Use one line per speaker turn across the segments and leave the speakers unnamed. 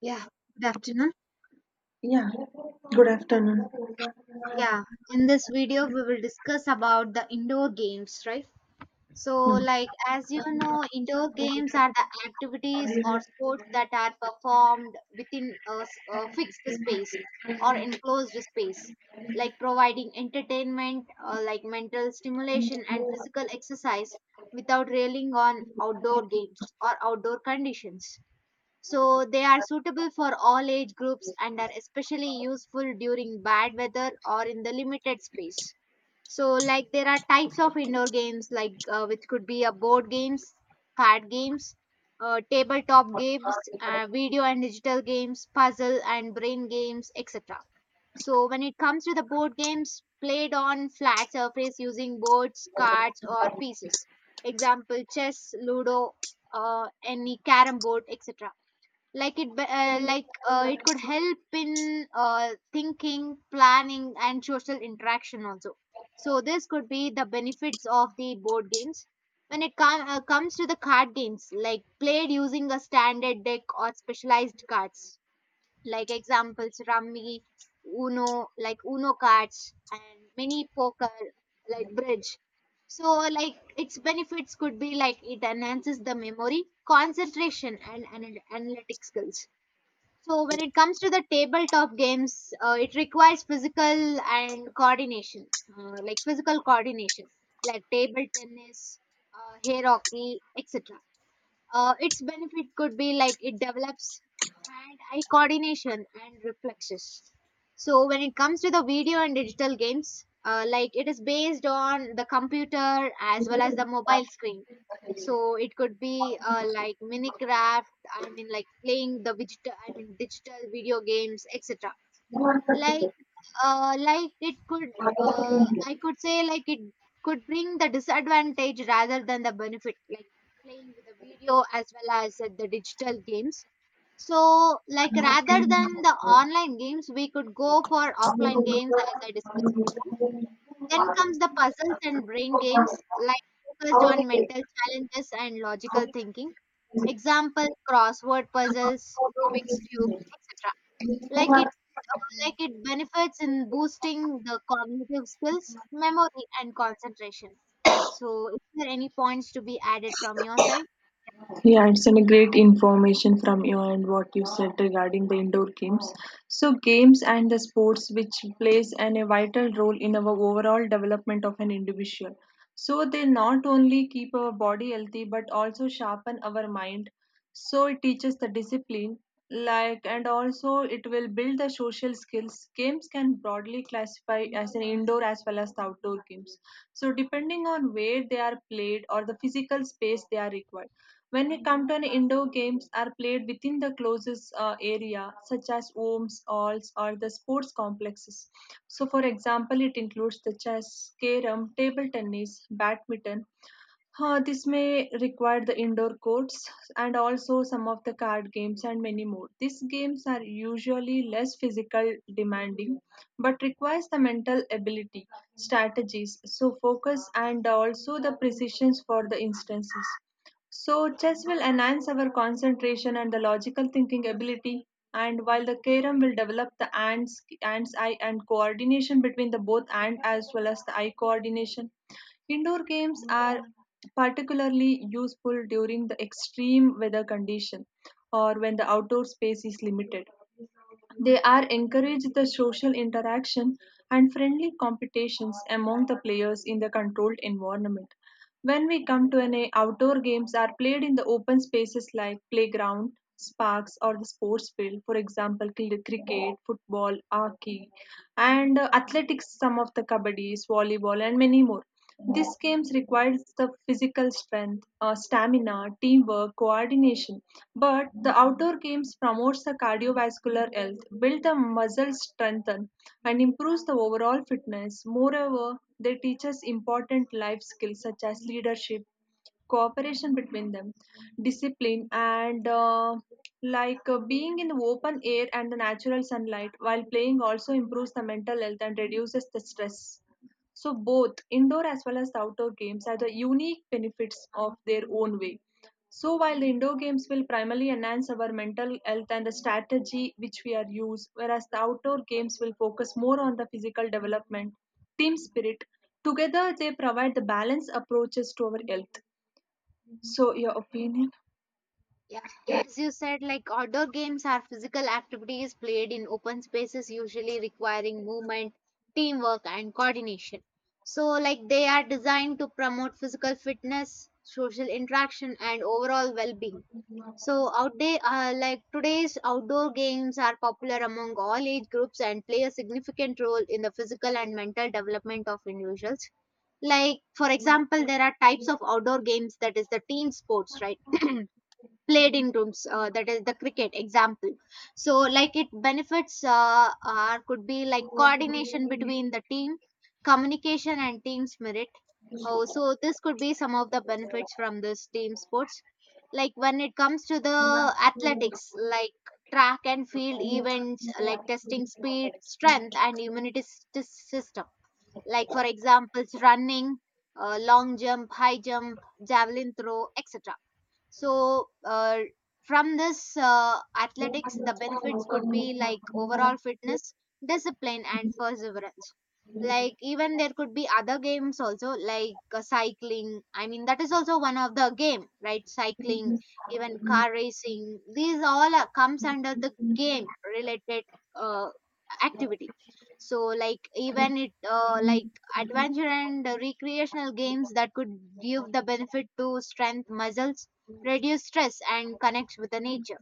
Yeah, good afternoon.
Yeah, good afternoon.
Yeah, in this video, we will discuss about the indoor games, right? So,
Hmm.
like, as you know, indoor games are the activities or sports that are performed within a fixed space or enclosed space, like providing entertainment, like mental stimulation and physical exercise without railing on outdoor games or outdoor conditions. So they are suitable for all age groups and are especially useful during bad weather or in the limited space. So like there are types of indoor games like which could be a board games, card games, tabletop games, video and digital games, puzzle and brain games, etc. So when it comes to the board games played on flat surface using boards, cards or pieces. Example chess, ludo, any carom board, etc. Like it could help in thinking planning and social interaction also. So this could be the benefits of the board games. When it comes to the card games like played using a standard deck or specialized cards, like examples rummy, uno, like uno cards and mini poker, like bridge. So like its benefits could be like it enhances the memory concentration and analytic skills. So when it comes to the tabletop games, it requires physical and coordination, like physical coordination, like table tennis, hair hockey, etc. Its benefit could be like it develops hand-eye coordination and reflexes. So when it comes to the video and digital games, like it is based on the computer as well as the mobile screen. So it could be like Minecraft. I mean, like playing the digital, I mean, digital video games, etc.
Yeah,
like like it could I could say like it could bring the disadvantage rather than the benefit, like playing with the video as well as the digital games. So like rather than the online games we could go for offline games as I discussed before. Then comes the puzzles and brain games like focused on mental challenges and logical thinking. Example crossword puzzles, rubik's cube, etc. like it like it benefits in boosting the cognitive skills memory and concentration. So is there any points to be added from your side?
it's a great information from you and what you said regarding the indoor games. So, games and the sports which plays a vital role in our overall development of an individual. So, they not only keep our body healthy but also sharpen our mind. So it teaches the discipline, like, and also it will build the social skills. Games can broadly classify as an indoor as well as the outdoor games. So depending on where they are played or the physical space they are required. When we come to an indoor games are played within the closest area such as homes, halls or the sports complexes. So for example it includes the chess, carom, table tennis, badminton, this may require the indoor courts and also some of the card games and many more. These games are usually less physical demanding but requires the mental ability, strategies, so focus and also the precisions for the instances. So, chess will enhance our concentration and the logical thinking ability, and while the carom will develop the hands, eye, and coordination between the both hand as well as the eye coordination. Indoor games are particularly useful during the extreme weather condition or when the outdoor space is limited. They are encourage the social interaction and friendly competitions among the players in the controlled environment. When we come to an outdoor games are played in the open spaces like playground, parks or the sports field, for example, cricket, football, hockey, and athletics, some of the kabaddi, volleyball, and many more. These games required the physical strength, stamina, teamwork, coordination, but the outdoor games promotes the cardiovascular health, build the muscle strength, and improves the overall fitness. Moreover, they teach us important life skills such as leadership, cooperation between them, discipline, and being in the open air and the natural sunlight while playing also improves the mental health and reduces the stress. So both indoor as well as the outdoor games have the unique benefits of their own way. So while the indoor games will primarily enhance our mental health and the strategy which we are used, whereas the outdoor games will focus more on the physical development, team spirit. Together they provide the balanced approaches to our health. So your opinion?
Yeah, as you said, like outdoor games are physical activities played in open spaces, usually requiring movement, teamwork and coordination. So like they are designed to promote physical fitness, social interaction and overall well-being. So out there, like today's outdoor games are popular among all age groups and play a significant role in the physical and mental development of individuals. Like for example, there are types of outdoor games, that is the team sports, right? Played in rooms, that is the cricket example. So like it benefits are could be like coordination between the team, communication and team spirit. Oh, so this could be some of the benefits from this team sports. Like when it comes to the athletics, like track and field events like testing speed strength and immunity system, like for examples running, long jump, high jump, javelin throw, etc. So from this athletics, the benefits could be like overall fitness, discipline, and perseverance. Like, even there could be other games also, like cycling. I mean, that is also one of the game, right? Cycling, even car racing. These all are, comes under the game related uh, activity. So, like, even it, adventure and recreational games that could give the benefit to strength muscles, reduce stress and connect with the nature.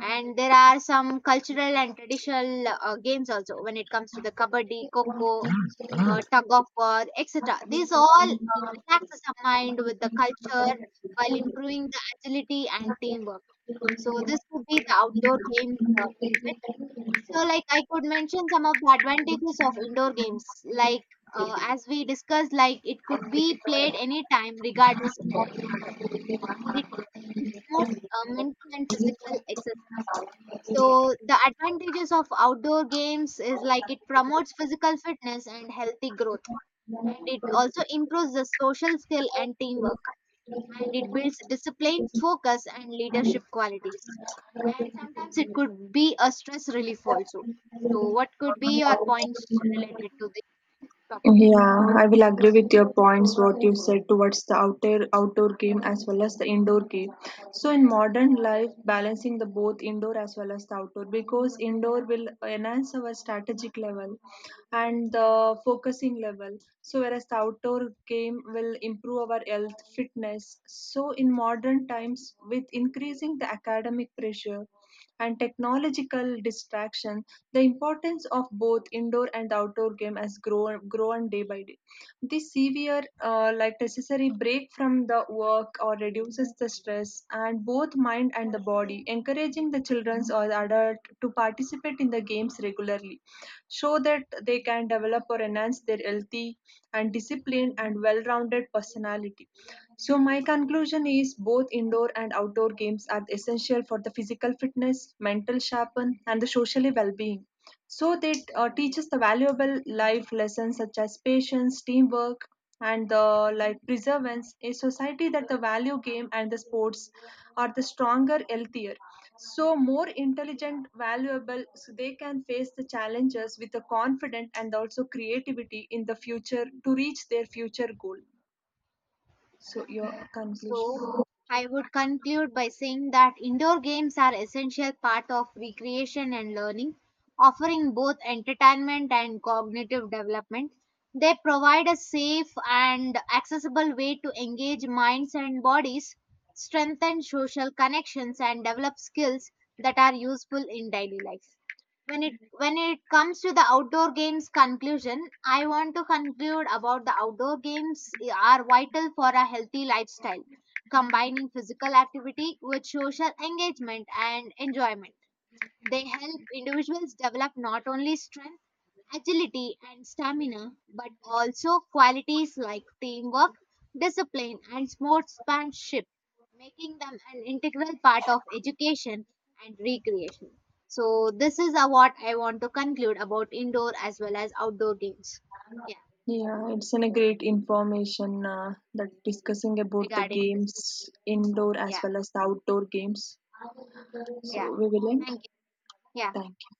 And there are some cultural and traditional games also, when it comes to the kabaddi, coco, tug of war, etc. These all relaxes the mind with the culture while improving the agility and teamwork. So this would be the outdoor games benefit. So like I could mention some of the advantages of indoor games, like as we discussed, like it could be played anytime regardless of it's not mental and physical exercise. So the advantages of outdoor games is like it promotes physical fitness and healthy growth, and it also improves the social skill and teamwork, and it builds discipline, focus, and leadership qualities. And sometimes it could be a stress relief also. So what could be your points related to this topic?
Yeah, I will agree with your points, what you said towards the outer outdoor game as well as the indoor game. So in modern life, balancing the both indoor as well as the outdoor because indoor will enhance our strategic level and the focusing level. So whereas the outdoor game will improve our health, fitness. So in modern times, with increasing the academic pressure and technological distraction, the importance of both indoor and outdoor game has grown day by day. This severe, like necessary break from the work or reduces the stress and both mind and the body, encouraging the children or the adult to participate in the games regularly, so that they can develop or enhance their healthy and disciplined and well-rounded personality. So my conclusion is both indoor and outdoor games are essential for the physical fitness, mental sharpen, and the socially well-being. So they teach us the valuable life lessons such as patience, teamwork, and the like preservance. A society that the value game and the sports are the stronger, healthier, so more intelligent, valuable. So they can face the challenges with the confidence and also creativity in the future to reach their future goal.
Yeah.
So your conclusion?
So, I would conclude by saying that indoor games are essential part of recreation and learning, offering both entertainment and cognitive development. They provide a safe and accessible way to engage minds and bodies, strengthen social connections and develop skills that are useful in daily life. When it comes to the outdoor games conclusion, I want to conclude about the outdoor games are vital for a healthy lifestyle, combining physical activity with social engagement and enjoyment. They help individuals develop not only strength, agility and stamina, but also qualities like teamwork, discipline, and sportsmanship, making them an integral part of education and recreation. So, this is what I want to conclude about indoor as well as outdoor games. Yeah,
Yeah, it's a great information that discussing about the
regarding this.
games, indoor
Yeah,
as well as the outdoor games.
yeah.
So we will end.
Thank you. Yeah.
Thank you.